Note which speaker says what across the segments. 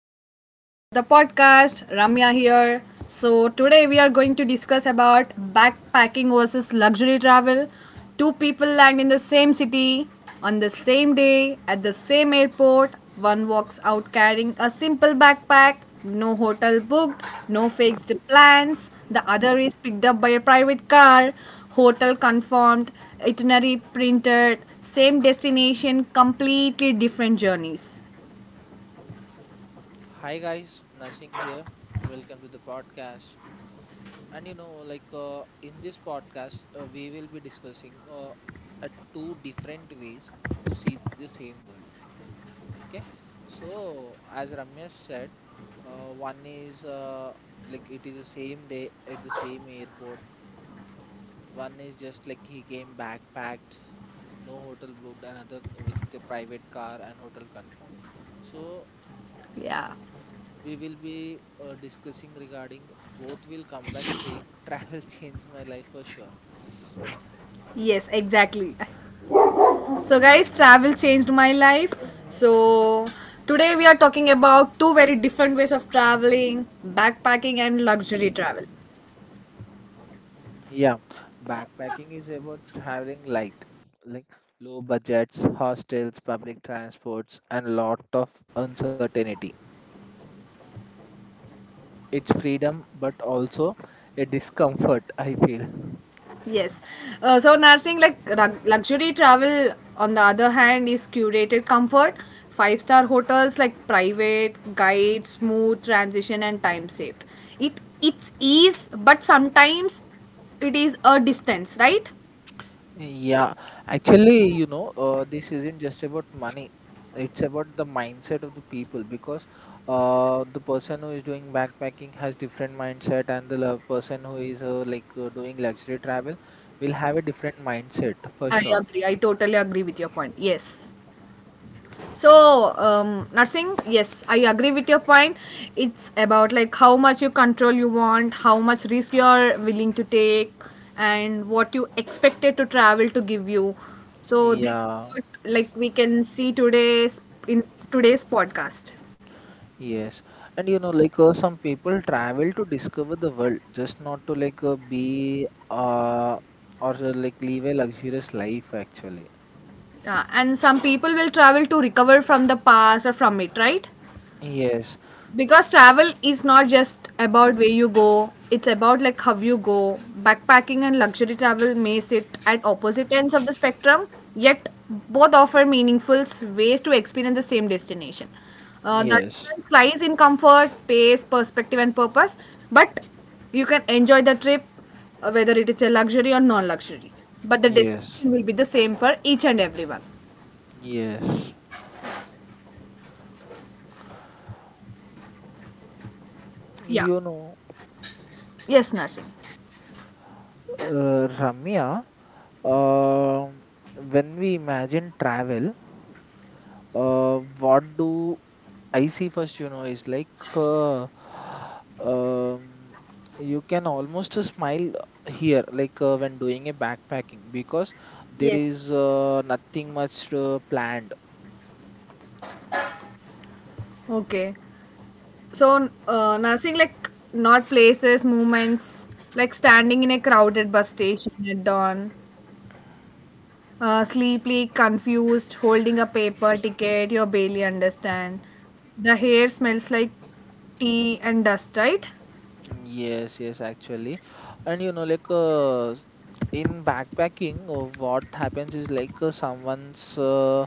Speaker 1: welcome back to the podcast. Ramya here. So today we are going to discuss about backpacking versus luxury travel. Two people land in the same city on the same day at the same airport. One walks out carrying a simple backpack, no hotel booked, no fixed plans. The other is picked up by a private car, hotel confirmed, itinerary printed, same destination, completely different journeys.
Speaker 2: Hi guys, Nursing here. Welcome to the podcast. And you know, like In this podcast, we will be discussing two different ways to see the same world. Okay. So as Ramesh said, one is like it is the same day at the same airport. One is just like he came backpacked, no hotel booked, another with a private car and hotel confirmed. So
Speaker 1: Yeah.
Speaker 2: we will be discussing regarding both will come back saying travel changed my life for sure.
Speaker 1: Yes, exactly. So, guys, travel changed my life. So, today we are talking about two very different ways of traveling backpacking and luxury travel.
Speaker 2: Yeah, backpacking is about traveling light, like low budgets, hostels, public transports, and lot of uncertainty. It's freedom, but also a discomfort, I feel.
Speaker 1: Yes. So, nursing like luxury travel, on the other hand, is curated comfort, five-star hotels like private, guide, smooth transition, and time saved. It's ease, but sometimes it is a distance, right?
Speaker 2: Yeah, actually, this isn't just about money. It's about the mindset of the people because the person who is doing backpacking has different mindset, and the person who is doing luxury travel will have a different mindset for
Speaker 1: I
Speaker 2: sure.
Speaker 1: agree. I totally agree with your point. Yes. So, Narsingh, yes, I agree with your point. It's about like how much you control you want, how much risk you are willing to take, and what you expected to travel to give you. So, this is
Speaker 2: Yeah,
Speaker 1: what like we can see today's in today's podcast.
Speaker 2: yes. And you know, like Some people travel to discover the world, just not to like be or like live a luxurious life actually.
Speaker 1: Yeah, and some people will travel to recover from the past or from it, right?
Speaker 2: Yes,
Speaker 1: Because travel is not just about where you go, it's about like how you go. Backpacking and luxury travel may sit at opposite ends of the spectrum, yet both offer meaningful ways to experience the same destination. The
Speaker 2: yes,
Speaker 1: difference lies in comfort, pace, perspective and purpose, but you can enjoy the trip, whether it is a luxury or non-luxury, but the
Speaker 2: yes.
Speaker 1: destination will be the same for each and everyone.
Speaker 2: Yes,
Speaker 1: Yeah.
Speaker 2: you know,
Speaker 1: Yes, nursing.
Speaker 2: Ramya, um when we imagine travel, what do I see first, is um, you can almost smile here, when doing a backpacking, because there
Speaker 1: Yes.
Speaker 2: is nothing much planned.
Speaker 1: Okay. So, nursing like not places, movements, like standing in a crowded bus station at dawn, sleepily confused, holding a paper ticket you barely understand. The hair smells like tea and dust, right?
Speaker 2: Yes, yes, actually. And you know, like In backpacking, what happens is someone's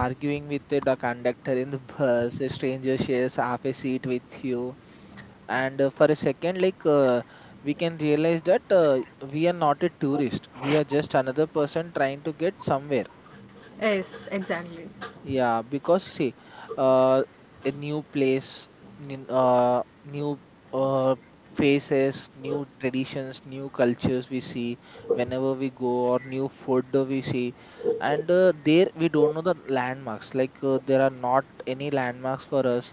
Speaker 2: arguing with the conductor in the bus, a stranger shares half a seat with you, and for a second, we can realize that we are not a tourist, we are just another person trying to get somewhere.
Speaker 1: Yes, exactly.
Speaker 2: Yeah, because see, uh, a new place, new uh, faces, new traditions, new cultures we see whenever we go, or new food we see, and there we don't know the landmarks. There are not any landmarks for us.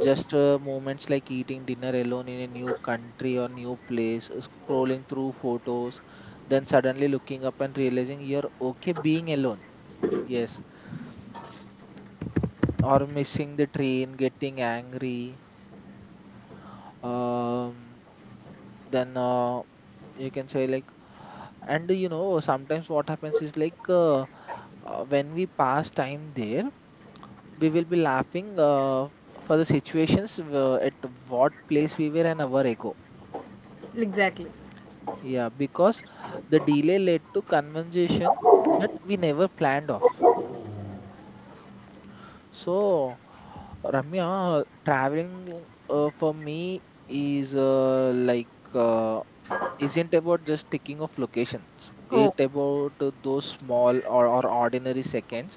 Speaker 2: Just moments like eating dinner alone in a new country or new place, scrolling through photos, then suddenly looking up and realizing you're okay being alone. Yes, or missing the train, getting angry. Um, then You can say like, sometimes what happens is when we pass time there, we will be laughing for the situations at what place we were an hour ago.
Speaker 1: Exactly.
Speaker 2: Yeah, because the delay led to conversation that we never planned of. So, Ramya, traveling for me is isn't about just ticking off locations. It
Speaker 1: Oh,
Speaker 2: about those small or ordinary seconds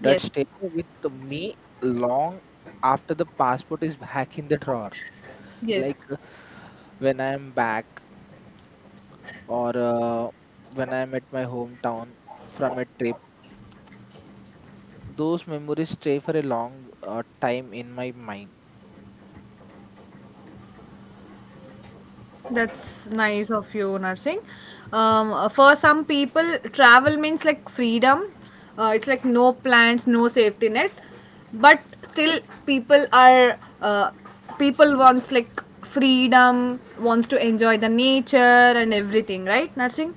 Speaker 2: that
Speaker 1: yes,
Speaker 2: stay with me long after the passport is back in the drawer. Like
Speaker 1: yes.
Speaker 2: uh, when I am back, or when I'm at my hometown from a trip, those memories stay for a long time in my mind.
Speaker 1: That's nice of you, nursing. For some people, travel means like freedom. It's like no plans, no safety net. But still, people are uh, people wants like freedom, wants to enjoy the nature and everything, right, nursing?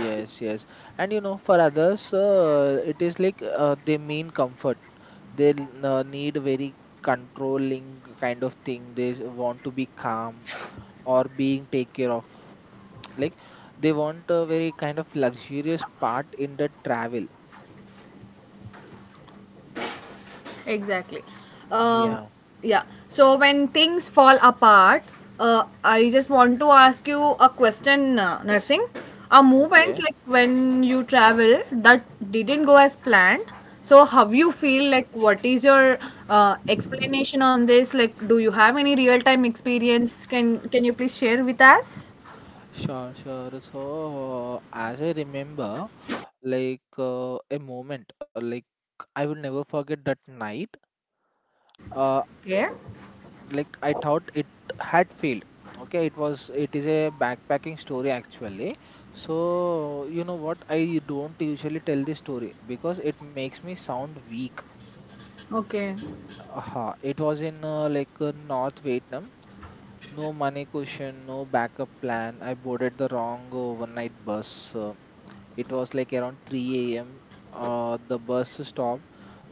Speaker 2: Yes, yes. For others, it is they mean comfort. They need very controlling kind of thing. They want to be calm or being take care of. Like they want a very kind of luxurious part in the travel.
Speaker 1: Exactly. Um,
Speaker 2: Yeah.
Speaker 1: yeah. So when things fall apart, I just want to ask you a question, Nursing. A moment
Speaker 2: Okay.
Speaker 1: like when you travel that didn't go as planned. So how you feel, like what is your explanation on this? Like, do you have any real time experience? Can you please share with us?
Speaker 2: Sure, sure. So, as I remember, a moment, I will never forget that night. Uh,
Speaker 1: Yeah.
Speaker 2: I thought it had failed. Okay, it is a backpacking story actually. So you know what? I don't usually tell this story because it makes me sound weak.
Speaker 1: Okay.
Speaker 2: Aha, it was in North Vietnam. No money cushion, no backup plan. I boarded the wrong overnight bus. It was like around 3 a.m. The bus stopped.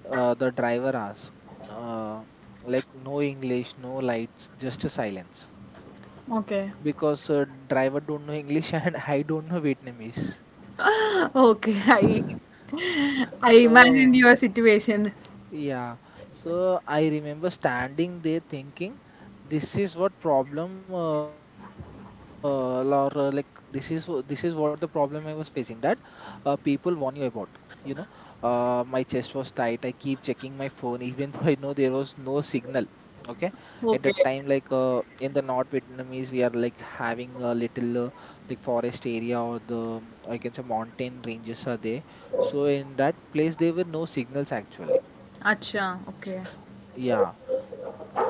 Speaker 2: The driver asked, uh, no English, no lights, just a silence.
Speaker 1: Okay.
Speaker 2: Because driver don't know English and I don't know Vietnamese.
Speaker 1: Okay. I I
Speaker 2: So
Speaker 1: imagined your situation.
Speaker 2: yeah, so I remember standing there thinking, this is what problem uh, or uh, like this is this is what the problem I was facing, that people warn you about. You know, my chest was tight. I keep checking my phone even though I know there was no signal. Okay, at that time,
Speaker 1: Okay.
Speaker 2: in the North Vietnamese, we are like having a little forest area or the I can say mountain ranges are there. So in that place, there were no signals actually.
Speaker 1: Acha, okay.
Speaker 2: Yeah,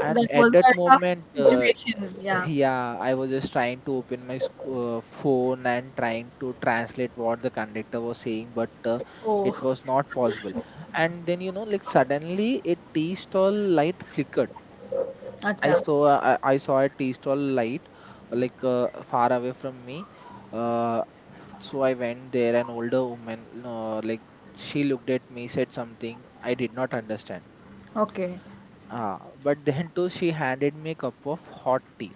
Speaker 2: and at
Speaker 1: was
Speaker 2: that
Speaker 1: a tough
Speaker 2: moment,
Speaker 1: situation. Yeah.
Speaker 2: yeah, I was just trying to open my phone and trying to translate what the conductor was saying, but
Speaker 1: Oh,
Speaker 2: it was not possible. And then you know, suddenly a tea stall light flickered. I
Speaker 1: acha.
Speaker 2: saw I saw a tea stall light far away from me. Uh, so I went there. An older woman, she looked at me, said something I did not understand.
Speaker 1: Okay.
Speaker 2: Ah, but then too, she handed me a cup of hot tea.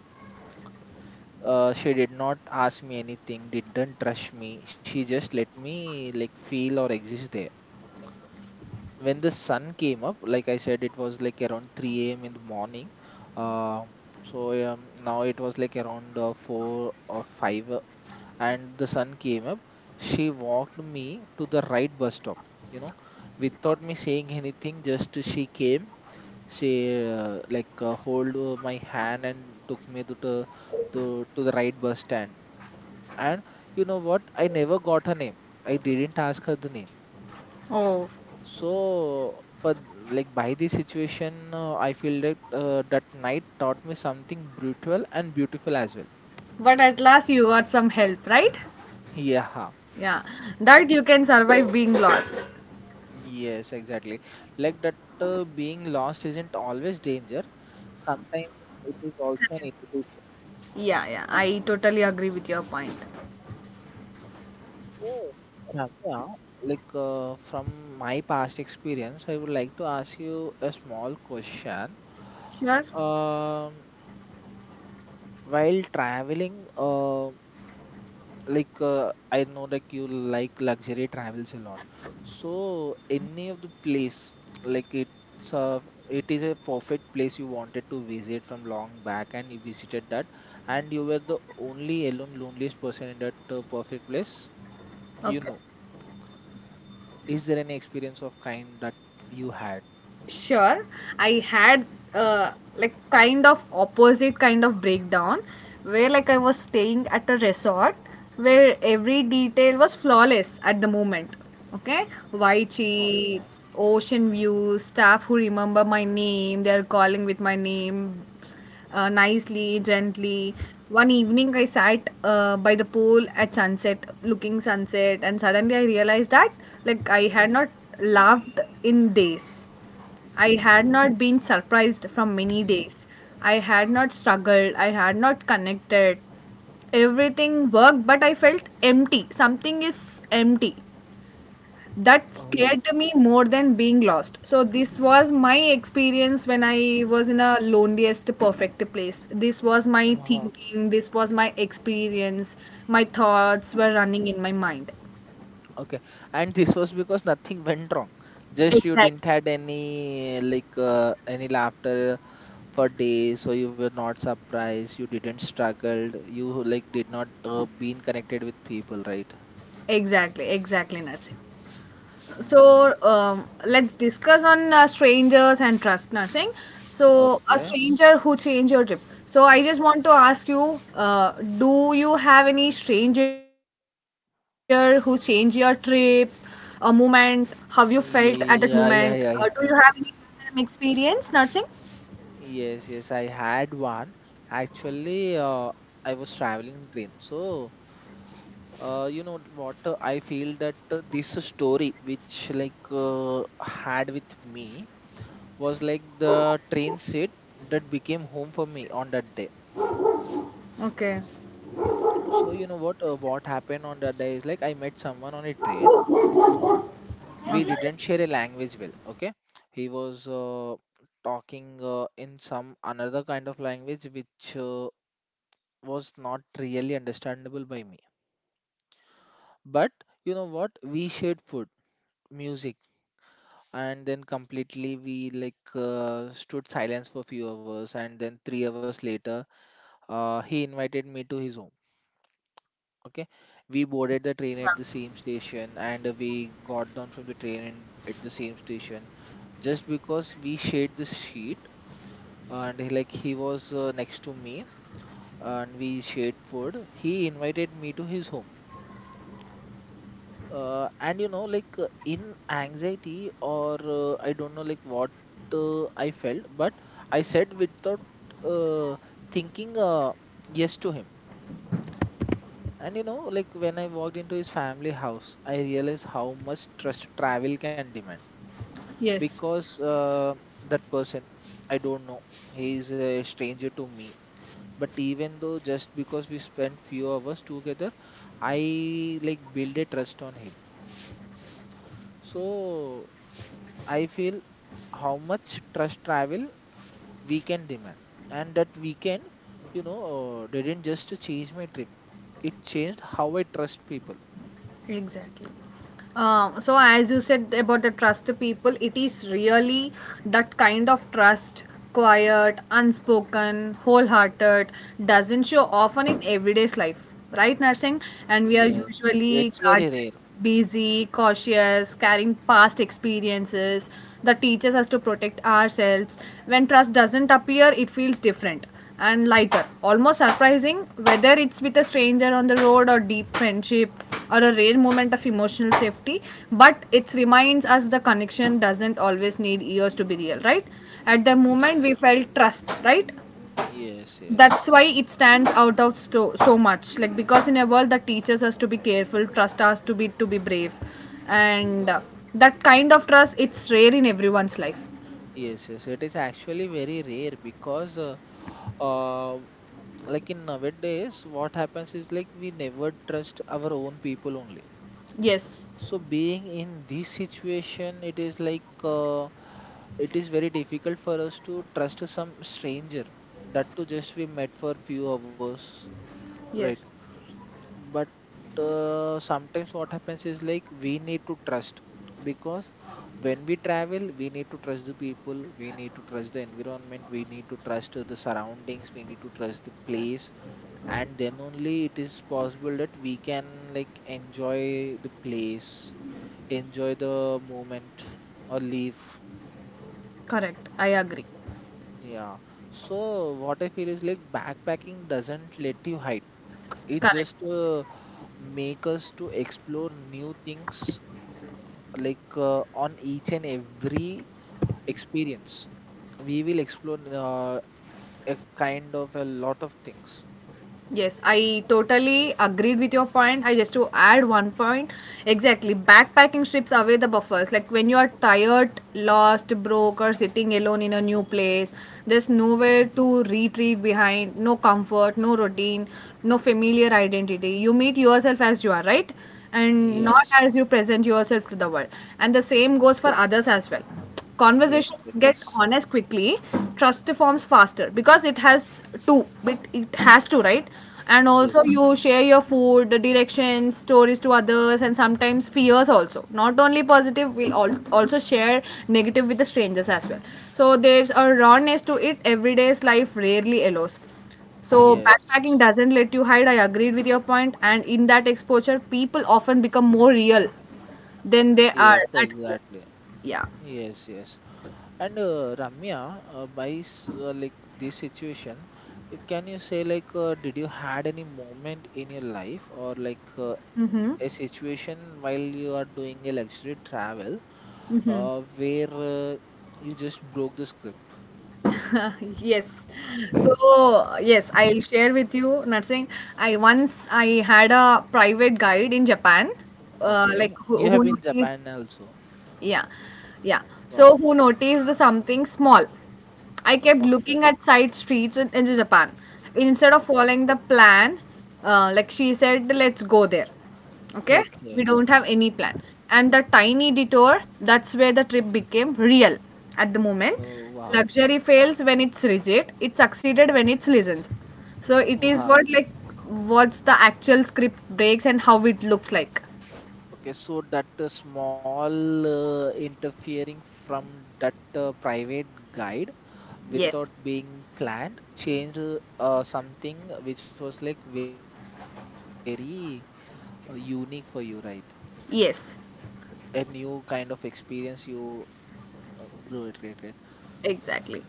Speaker 2: She did not ask me anything, didn't rush me. She just let me like feel or exist there. When the sun came up, like I said, it was like around 3 a.m. in the morning. Um, Now it was like around 4 or 5, and the sun came up. She walked me to the right bus stop, you know, without me saying anything. Just she came, she like hold my hand and took me to the to the right bus stand. And you know what, I never got her name. I didn't ask her the name.
Speaker 1: Oh,
Speaker 2: So for, by this situation, I feel that that night taught me something brutal and beautiful as well.
Speaker 1: but at last you got some help, right?
Speaker 2: Yeah,
Speaker 1: Yeah. That you can survive being lost.
Speaker 2: yes, exactly. Like that, being lost isn't always danger, sometimes it is also an invitation.
Speaker 1: Yeah, yeah. I totally agree with your point.
Speaker 2: So, Ramya, from my past experience, I would like to ask you a small question.
Speaker 1: Sure.
Speaker 2: Um, while traveling, I know that you like luxury travels a lot. So, any of the place, like it's a, it is a perfect place you wanted to visit from long back, and you visited that, and you were the only alone, loneliest person in that perfect place. You
Speaker 1: Okay.
Speaker 2: know. Is there any experience of kind that you had?
Speaker 1: Sure, I had uh, like kind of opposite kind of breakdown where like I was staying at a resort where every detail was flawless at the moment. Okay. White
Speaker 2: Okay.
Speaker 1: sheets, ocean views, staff who remember my name, they are calling with my name nicely, gently. One evening, I sat by the pool at sunset, looking sunset, and suddenly I realized that, like, I had not laughed in days. I had not been surprised from many days. I had not struggled. I had not connected. Everything worked, but I felt empty. Something is empty that
Speaker 2: Oh.
Speaker 1: scared me more than being lost. So this was my experience when I was in a loneliest perfect place. This was my
Speaker 2: uh
Speaker 1: thinking, this was my experience. My thoughts were running in my mind.
Speaker 2: Okay. And this was because nothing went wrong. Just you
Speaker 1: Exactly.
Speaker 2: didn't had any any laughter for days, so you were not surprised. You didn't struggled. You like did not been connected with people, right?
Speaker 1: Exactly, exactly, Narsi.
Speaker 2: Mm-hmm.
Speaker 1: So let's discuss on strangers and trust, nursing. So a
Speaker 2: Okay.
Speaker 1: stranger who changed your trip. So I just want to ask you, do you have any stranger who changed your trip, a moment? How you felt at that moment?
Speaker 2: Yeah, yeah, yeah,
Speaker 1: Do you
Speaker 2: yeah.
Speaker 1: have
Speaker 2: yeah.
Speaker 1: any experience, nursing?
Speaker 2: Yes, yes, I had one. Actually, I was traveling in train. So, you know what? I feel that this story, which had with me, was like the train seat that became home for me on that day.
Speaker 1: Okay.
Speaker 2: So, you know what? What happened on that day is like I met someone on a train. We didn't share a language well. Okay, he was talking in some another kind of language which. Was not really understandable by me. But you know what? We shared food, music, and then completely we stood silence for few hours, and then 3 hours later, he invited me to his home. Okay, we boarded the train at
Speaker 1: Acha.
Speaker 2: the same station, and we got down from the train in, at the same station just because we shared the seat, and he was next to me, and we shared food. He invited me to his home. And you know, in anxiety or I don't know like what I felt, but I said without uh, thinking, yes to him. And you know, like when I walked into his family house, I realized how much trust travel can demand.
Speaker 1: Yes.
Speaker 2: Because that person, I don't know, he is a stranger to me, but even though, just because we spent few hours together, I like build a trust on him. So I feel how much trust travel we can demand. And that weekend, you know, didn't just change my trip, it changed how I trust people.
Speaker 1: Exactly. So as you said about the trust people, it is really that kind of trust, quiet, unspoken, wholehearted, doesn't show often in everyday's life, right, nursing? And we are
Speaker 2: Yes,
Speaker 1: usually
Speaker 2: it's very
Speaker 1: guarded,
Speaker 2: rare.
Speaker 1: busy, cautious, carrying past experiences that teaches us to protect ourselves. When trust doesn't appear, it feels different and lighter, almost surprising, whether it's with a stranger on the road or deep friendship or a rare moment of emotional safety, but it reminds us the connection doesn't always need years to be real, right? At the moment,
Speaker 2: Yes,
Speaker 1: we felt trust, right?
Speaker 2: yes,
Speaker 1: That's
Speaker 2: yes,
Speaker 1: why it stands out of so much. Like because in a world that teaches us to be careful, trust us to be brave, and that kind of trust, it's rare in everyone's life.
Speaker 2: yes. It is actually very rare because, uh, in nowadays, what happens is like we never trust our own people only.
Speaker 1: Yes,
Speaker 2: So being in this situation, it is it is very difficult for us to trust some stranger that to just we met for few hours, right?
Speaker 1: yes,
Speaker 2: But sometimes what happens is like we need to trust because when we travel, we need to trust the people, we need to trust the environment, we need to trust the surroundings, we need to trust the place, and then only it is possible that we can like enjoy the place, enjoy the moment or leave.
Speaker 1: correct. I agree.
Speaker 2: Yeah, so what I feel is like backpacking doesn't let you hide, it
Speaker 1: Correct.
Speaker 2: just make us to explore new things, uh, on each and every experience we will explore a kind of a lot of things.
Speaker 1: Yes, I totally agreed with your point. I just to add one point. Exactly, backpacking strips away the buffers. Like when you are tired, lost, broke, or sitting alone in a new place, there's
Speaker 2: Mhm.
Speaker 1: nowhere to retreat behind, no comfort, no routine, no familiar identity. You meet yourself as you are, right? And not
Speaker 2: Yes,
Speaker 1: as you present yourself to the world. And the same goes for others as well.
Speaker 2: yes
Speaker 1: Conversations
Speaker 2: it
Speaker 1: get
Speaker 2: is.
Speaker 1: honest quickly, trust forms faster because it has to, right. And also you
Speaker 2: Yes.
Speaker 1: share your food, the directions, stories to others, and sometimes fears also. Not only positive, we'll also share negative with the strangers as well. So there's a rawness to it everyday's life rarely allows. So
Speaker 2: Yes.
Speaker 1: backpacking doesn't let you hide. I agreed with your point, and in that exposure people often become more real than they are
Speaker 2: Yes,
Speaker 1: at home.
Speaker 2: exactly.
Speaker 1: Yeah.
Speaker 2: Yes, yes. And Ramya, like this situation, can you say like did you had any moment in your life or like a situation while you are doing a luxury travel where you just broke the script?
Speaker 1: Yes. So yes, I'll share with you, nursing. I once I had a private guide in Japan, like
Speaker 2: Okay, you
Speaker 1: who
Speaker 2: have been
Speaker 1: noticed.
Speaker 2: Japan also.
Speaker 1: Yeah, yeah. So
Speaker 2: Wow.
Speaker 1: who noticed something small? I kept
Speaker 2: Okay.
Speaker 1: looking at side streets in Japan. Instead of
Speaker 2: o-
Speaker 1: following the plan, like she said, let's go there. Okay, we
Speaker 2: Okay.
Speaker 1: don't have any plan. And the tiny detour, that's where the trip became real. At the moment,
Speaker 2: Oh, wow.
Speaker 1: luxury fails when it's rigid. It succeeded when it listens. So it is what
Speaker 2: Wow.
Speaker 1: like what's the actual script breaks and how it looks like.
Speaker 2: Okay, so that small interfering from that private guide
Speaker 1: Yes.
Speaker 2: without being planned changed something which was like very unique for you, right? A new
Speaker 1: Yes.
Speaker 2: kind of experience you grew it, right, right. So
Speaker 1: Exactly.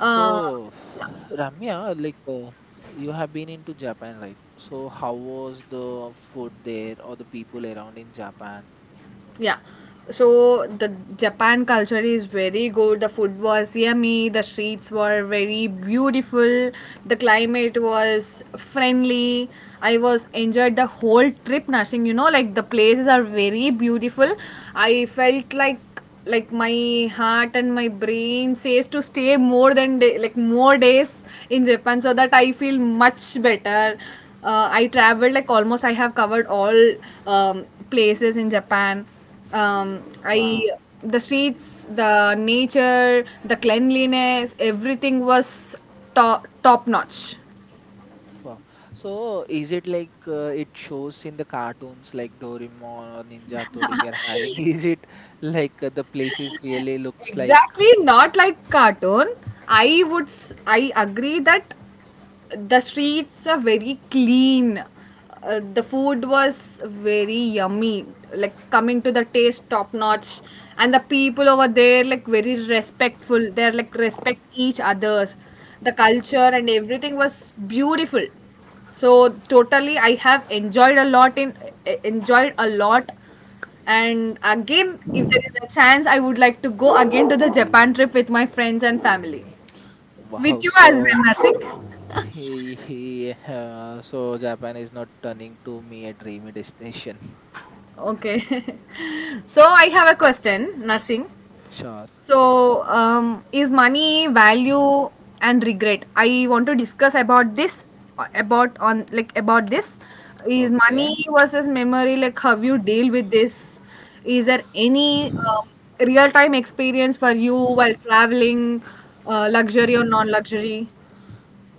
Speaker 1: Uh,
Speaker 2: Ramya,
Speaker 1: yeah,
Speaker 2: you have been into Japan, right? So how was the food there or the people around in Japan?
Speaker 1: yeah. So the Japan culture is very good. The food was yummy. The streets were very beautiful. The climate was friendly. I was enjoyed the whole trip, Nursing. You know, like the places are very beautiful. I felt like my heart and my brain says to stay more than day, like more days in Japan so that I feel much better. I traveled like almost I have covered all places in Japan. I
Speaker 2: Wow.
Speaker 1: The streets, the nature, the cleanliness, everything was top notch.
Speaker 2: Wow. So is it like it shows in the cartoons like Doraemon or Ninja Hattori we are having? Is it the places really looks like?
Speaker 1: Exactly not like cartoon. I would I agree that the streets are very clean, the food was very yummy. Like coming to the taste, top notch. And the people over there, like very respectful, they're like respect each others. The culture and everything was beautiful. So totally I have enjoyed a lot in enjoyed a lot. And again, if there is a chance, I would like to go again to the Japan trip with my friends and family. With
Speaker 2: Wow.
Speaker 1: you as
Speaker 2: So
Speaker 1: well, Narsik.
Speaker 2: he so Japan is not turning to me a dreamy destination.
Speaker 1: Okay. So I have a question, nursing.
Speaker 2: Sure.
Speaker 1: So, is money value and regret? I want to discuss about this, about on like about this. Is
Speaker 2: Okay.
Speaker 1: money versus memory, like how you deal with this? Is there any real time experience for you while traveling, luxury or non luxury?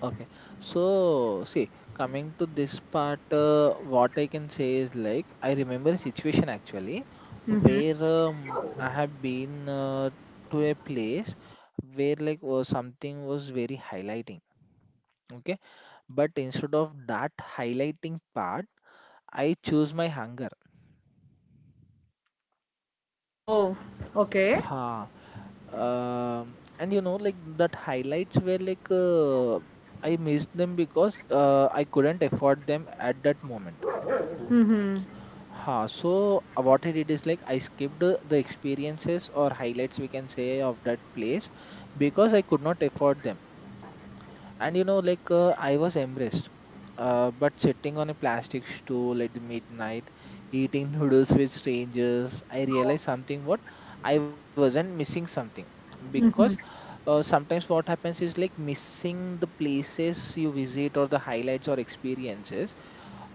Speaker 2: Okay. So see, coming to this part, what I can say is like, I remember a situation actually where I have been to a place where something was very highlighting. Okay. But instead of that highlighting part, I choose my hunger.
Speaker 1: Oh, okay,
Speaker 2: Ha. And you know, like that highlights were like I missed them because I couldn't afford them at that moment. Huh, so what I did is like I skipped the experiences or highlights we can say of that place because I could not afford them. And you know, like I was embarrassed, but sitting on a plastic stool at the midnight, eating noodles with strangers, I realized something, what, I wasn't missing something because sometimes what happens is like missing the places you visit or the highlights or experiences,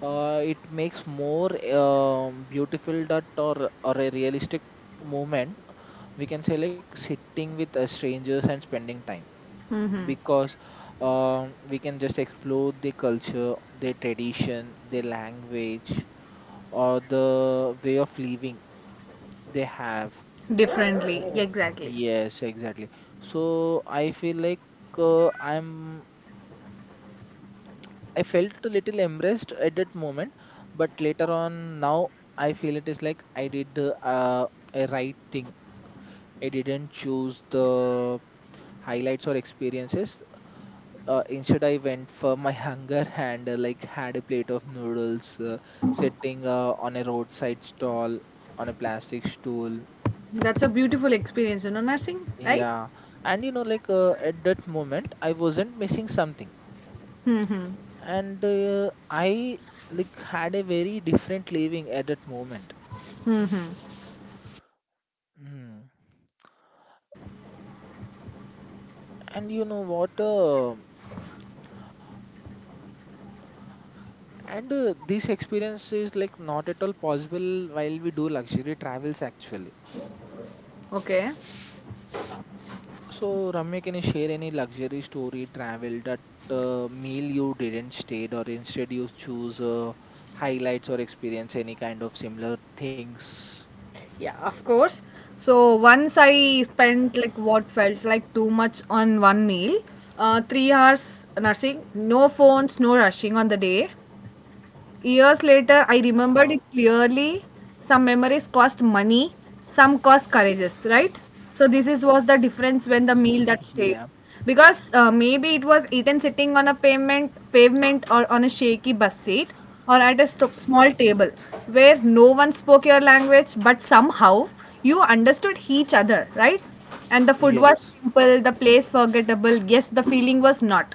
Speaker 2: it makes more beautiful that or a realistic moment, we can say, like sitting with strangers and spending time because we can just explore the culture, their tradition, their language or the way of living they have.
Speaker 1: differently, exactly.
Speaker 2: Yes, exactly. So I feel like uh, i'm I felt a little embarrassed at that moment, but later on, now I feel it is like I did the a right thing. I didn't choose the highlights or experiences. Instead, I went for my hunger and like had a plate of noodles, sitting on a roadside stall on a plastic stool.
Speaker 1: That's a beautiful experience, you know, nursing, right?
Speaker 2: Yeah, and you know, like at that moment, I wasn't missing something,
Speaker 1: Hmm.
Speaker 2: and I like had a very different living at that moment.
Speaker 1: Hmm.
Speaker 2: Mm. And you know what? And this experience is like not at all possible while we do luxury travels actually.
Speaker 1: Okay.
Speaker 2: So Ramya, can you share any luxury story travel that meal you didn't stayed or instead you choose highlights or experience any kind of similar things?
Speaker 1: Yeah, of course. So once I spent like what felt like too much on one meal, 3 hours nursing, no phones, no rushing on the day.
Speaker 2: Huh.
Speaker 1: Years later, I remembered it clearly. Some memories cost money, some cost courageous, right? So this is was the difference when the
Speaker 2: Yeah.
Speaker 1: meal that stayed, because maybe it was eaten sitting on a pavement or on a shaky bus seat or at a small table where no one spoke your language, but somehow you understood each other, right? And the food was
Speaker 2: Yes.
Speaker 1: simple, the place forgettable. Yes, the feeling was not.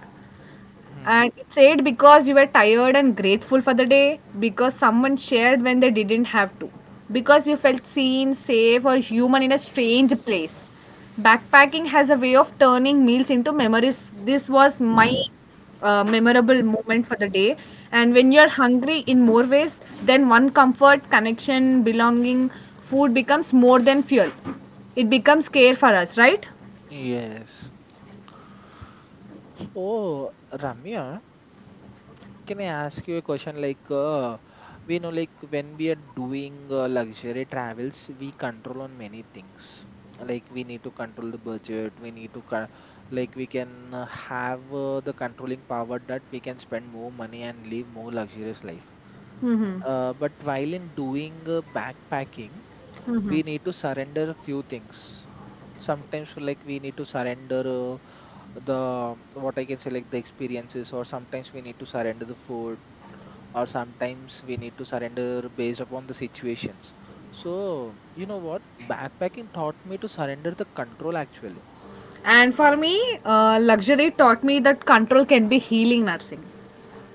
Speaker 2: Hmm.
Speaker 1: And it's ate because you were tired and grateful for the day, because someone shared when they didn't have to, because you felt seen, safe, or human in a strange place. Backpacking has a way of turning meals into memories. This was my memorable moment for the day. And when you're hungry in more ways, then one comfort, connection, belonging, food becomes more than fuel. It becomes care for us, right?
Speaker 2: Yes. So Ramya, can I ask you a question? Like, we know, like, when we are doing luxury travels, we control on many things. Like, we need to control the budget. We need to, like, we can have the controlling power that we can spend more money and live more luxurious life. But while in doing backpacking, we need to surrender a few things sometimes. For like we need to surrender uh, the, what I can say, like the experiences, or sometimes we need to surrender the food, or sometimes we need to surrender based upon the situations. So you know what, backpacking taught me to surrender the control actually.
Speaker 1: And for me, luxury taught me that control can be healing, nursing.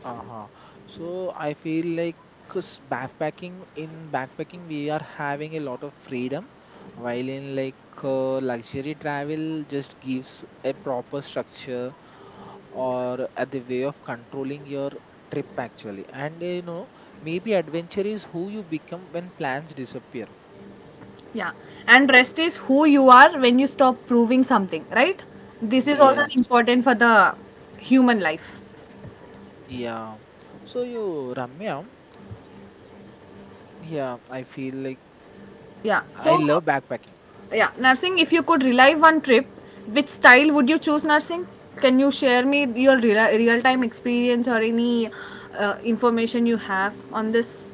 Speaker 2: Uh-huh. So I feel like, 'cause backpacking, in backpacking we are having a lot of freedom, while in like luxury travel just gives a proper structure or at the way of controlling your trip actually. And you know, maybe adventure is who you become when plans disappear.
Speaker 1: Yeah. And rest is who you are when you stop proving something, right? This is also
Speaker 2: Yes.
Speaker 1: important for the human life.
Speaker 2: Yeah. So you, Ramya, yeah, I feel like
Speaker 1: Yeah.
Speaker 2: I
Speaker 1: So,
Speaker 2: love backpacking.
Speaker 1: yeah, nursing, if you could relive one trip, which style would you choose, nursing? Can you share me your real time experience or any information you have on this?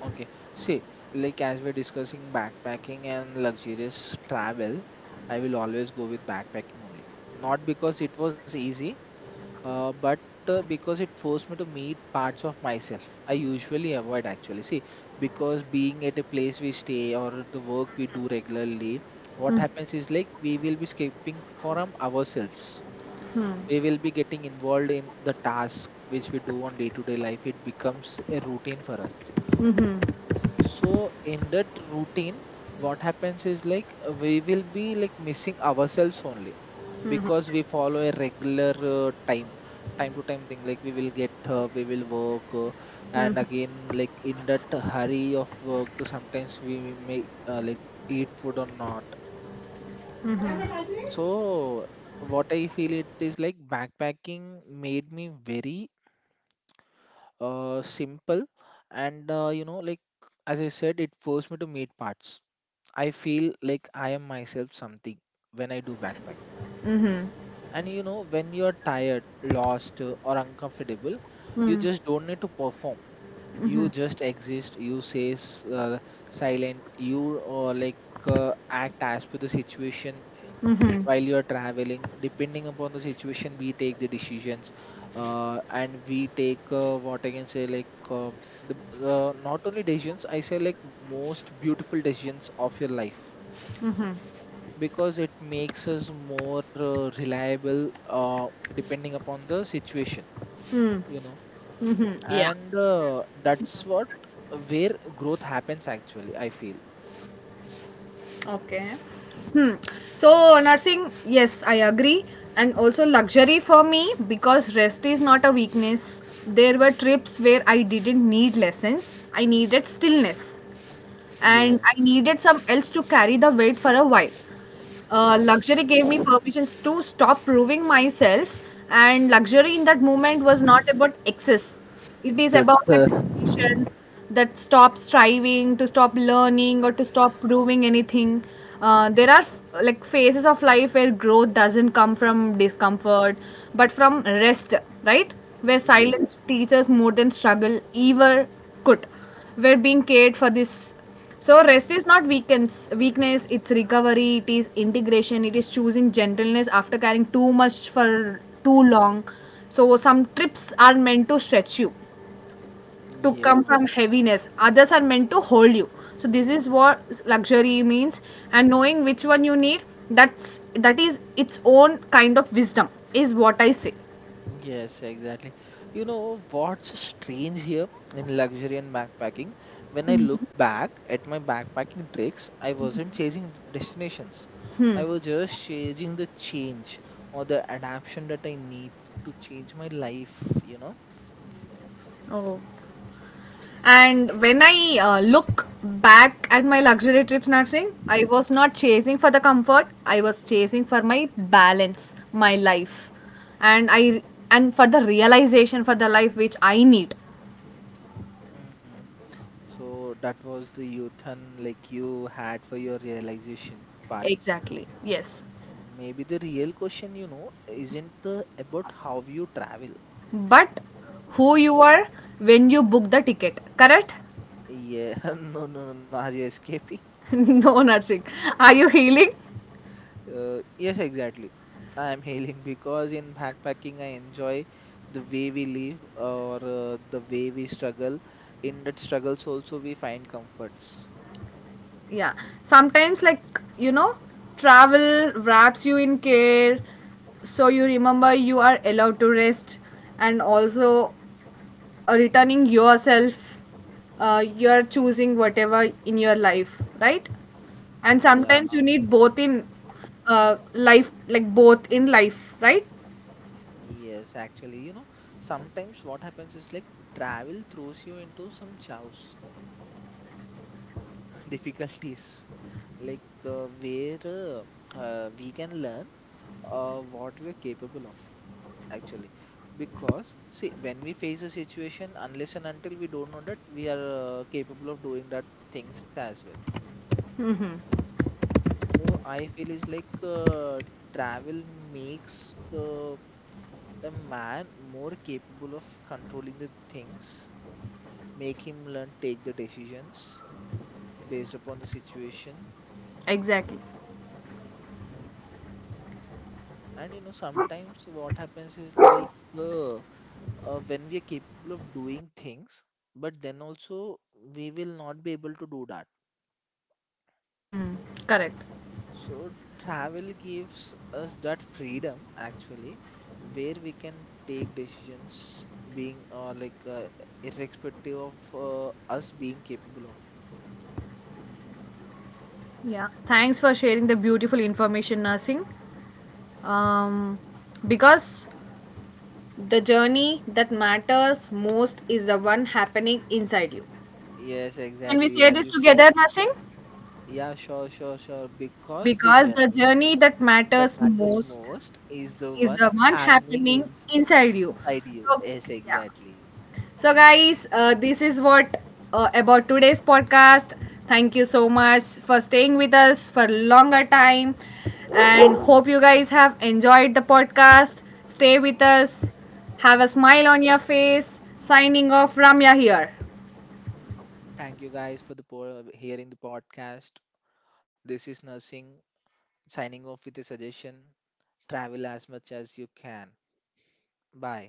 Speaker 2: Okay. See, like as we're discussing backpacking and luxurious travel, I will always go with backpacking only. Not because it was easy, but because it forced me to meet parts of myself I usually avoid actually. See, because being at a place we stay or the work we do regularly, what happens is like we will be escaping from ourselves. We will be getting involved in the task which we do on day to day life. It becomes a routine for us, so in that routine, what happens is like we will be like missing ourselves only because we follow a regular time to time thing, like we will get we will work, and again like in that hurry of work sometimes we may like eat food or not. So what I feel it is like backpacking made me very simple and you know, like as I said, it forced me to meet parts. I feel like I am myself something when I do backpack. And you know, when you're tired, lost, or uncomfortable, you just don't need to perform. You just exist. You say silent. You act as per the situation while you're traveling. Depending upon the situation, we take the decisions, and we take what I can say like. Um, the not only decisions, I say like most beautiful decisions of your life because it makes us more reliable depending upon the situation, you know.
Speaker 1: Mm, yeah.
Speaker 2: And that's what, where growth happens actually, I feel.
Speaker 1: Okay. Hmm. So nursing, yes, I agree, and also luxury for me, because rest is not a weakness. There were trips where I didn't need lessons; I needed stillness, and
Speaker 2: Yeah.
Speaker 1: I needed some else to carry the weight for a while.
Speaker 2: Okay.
Speaker 1: Luxury gave me permissions to stop proving myself, and luxury in that moment was not about excess. It is
Speaker 2: The
Speaker 1: about like permissions that stop striving, to stop learning, or to stop proving anything. There are like phases of life where growth doesn't come from discomfort, but from rest, right? Where
Speaker 2: yes.
Speaker 1: silence teaches more than struggle ever could. Where being cared for this, so rest is not weakness, it's recovery, it is integration, it is choosing gentleness after carrying too much for too long. So some trips are meant to stretch you, to come
Speaker 2: Yeah.
Speaker 1: from heaviness. Others are meant to hold you. So this is what luxury means, and knowing which one you need, that's that is its own kind of wisdom is what I say.
Speaker 2: Yes, exactly. You know what's strange here in luxury and backpacking? When I look back at my backpacking tricks, I wasn't chasing destinations. I was just chasing the change or the adaptation that I need to change my life, you know?
Speaker 1: Oh. And when I look back at my luxury trips, Narsing, I was not chasing for the comfort. I was chasing for my balance, my life, and I and for the realization for the life which I need.
Speaker 2: Hmm. So that was the youth and like you had for your realization part.
Speaker 1: Exactly. Yes.
Speaker 2: Maybe the real question, you know, isn't about how you travel.
Speaker 1: But who you are when you book the ticket, correct?
Speaker 2: Yeah, no, no, no, no. Are you escaping?
Speaker 1: No, Narsing. Are you healing?
Speaker 2: Yes, exactly. I am hailing because in backpacking I enjoy the way we live or the way we struggle. In that struggles also we find comforts.
Speaker 1: Yeah, sometimes like, you know, travel wraps you in care, so you remember you are allowed to rest. And also returning yourself, you are choosing whatever in your life, right? And
Speaker 2: Yeah,
Speaker 1: sometimes you need both in life, like both in life, right?
Speaker 2: yes, actually, you know, sometimes what happens is like travel throws you into some chaos, difficulties, where we can learn what we're capable of actually, because see, when we face a situation, unless and until we don't know that we are capable of doing that things as well. So I feel is like travel makes a man more capable of controlling the things, make him learn, take the decisions based upon the situation.
Speaker 1: Exactly.
Speaker 2: Mm. And you know, sometimes what happens is like uh, when we are capable of doing things, but then also we will not be able to do that.
Speaker 1: Hmm. Correct.
Speaker 2: So travel gives us that freedom actually, where we can take decisions being or irrespective of us being capable of.
Speaker 1: Yeah, thanks for sharing the beautiful information, nursing. um because the journey that matters most is the one happening inside you.
Speaker 2: Yes,
Speaker 1: Can we
Speaker 2: exactly
Speaker 1: say
Speaker 2: as you
Speaker 1: this
Speaker 2: said.
Speaker 1: together, Nursing?
Speaker 2: Yeah, sure, sure, sure. Because the
Speaker 1: Because the
Speaker 2: journey
Speaker 1: journey that
Speaker 2: that
Speaker 1: matters
Speaker 2: matters
Speaker 1: most
Speaker 2: most is the
Speaker 1: is
Speaker 2: one
Speaker 1: the one
Speaker 2: happening
Speaker 1: happening
Speaker 2: in,
Speaker 1: inside you.
Speaker 2: inside you.
Speaker 1: So,
Speaker 2: Yes,
Speaker 1: yeah.
Speaker 2: exactly.
Speaker 1: So, guys, this is what about today's podcast. Thank you so much for staying with us for longer time, and hope you guys have enjoyed the podcast. Stay with us. Have a smile on your face. Signing off, Ramya here.
Speaker 2: Thank you guys for the hearing the podcast. This is Nursing signing off with a suggestion. Travel as much as you can. Bye.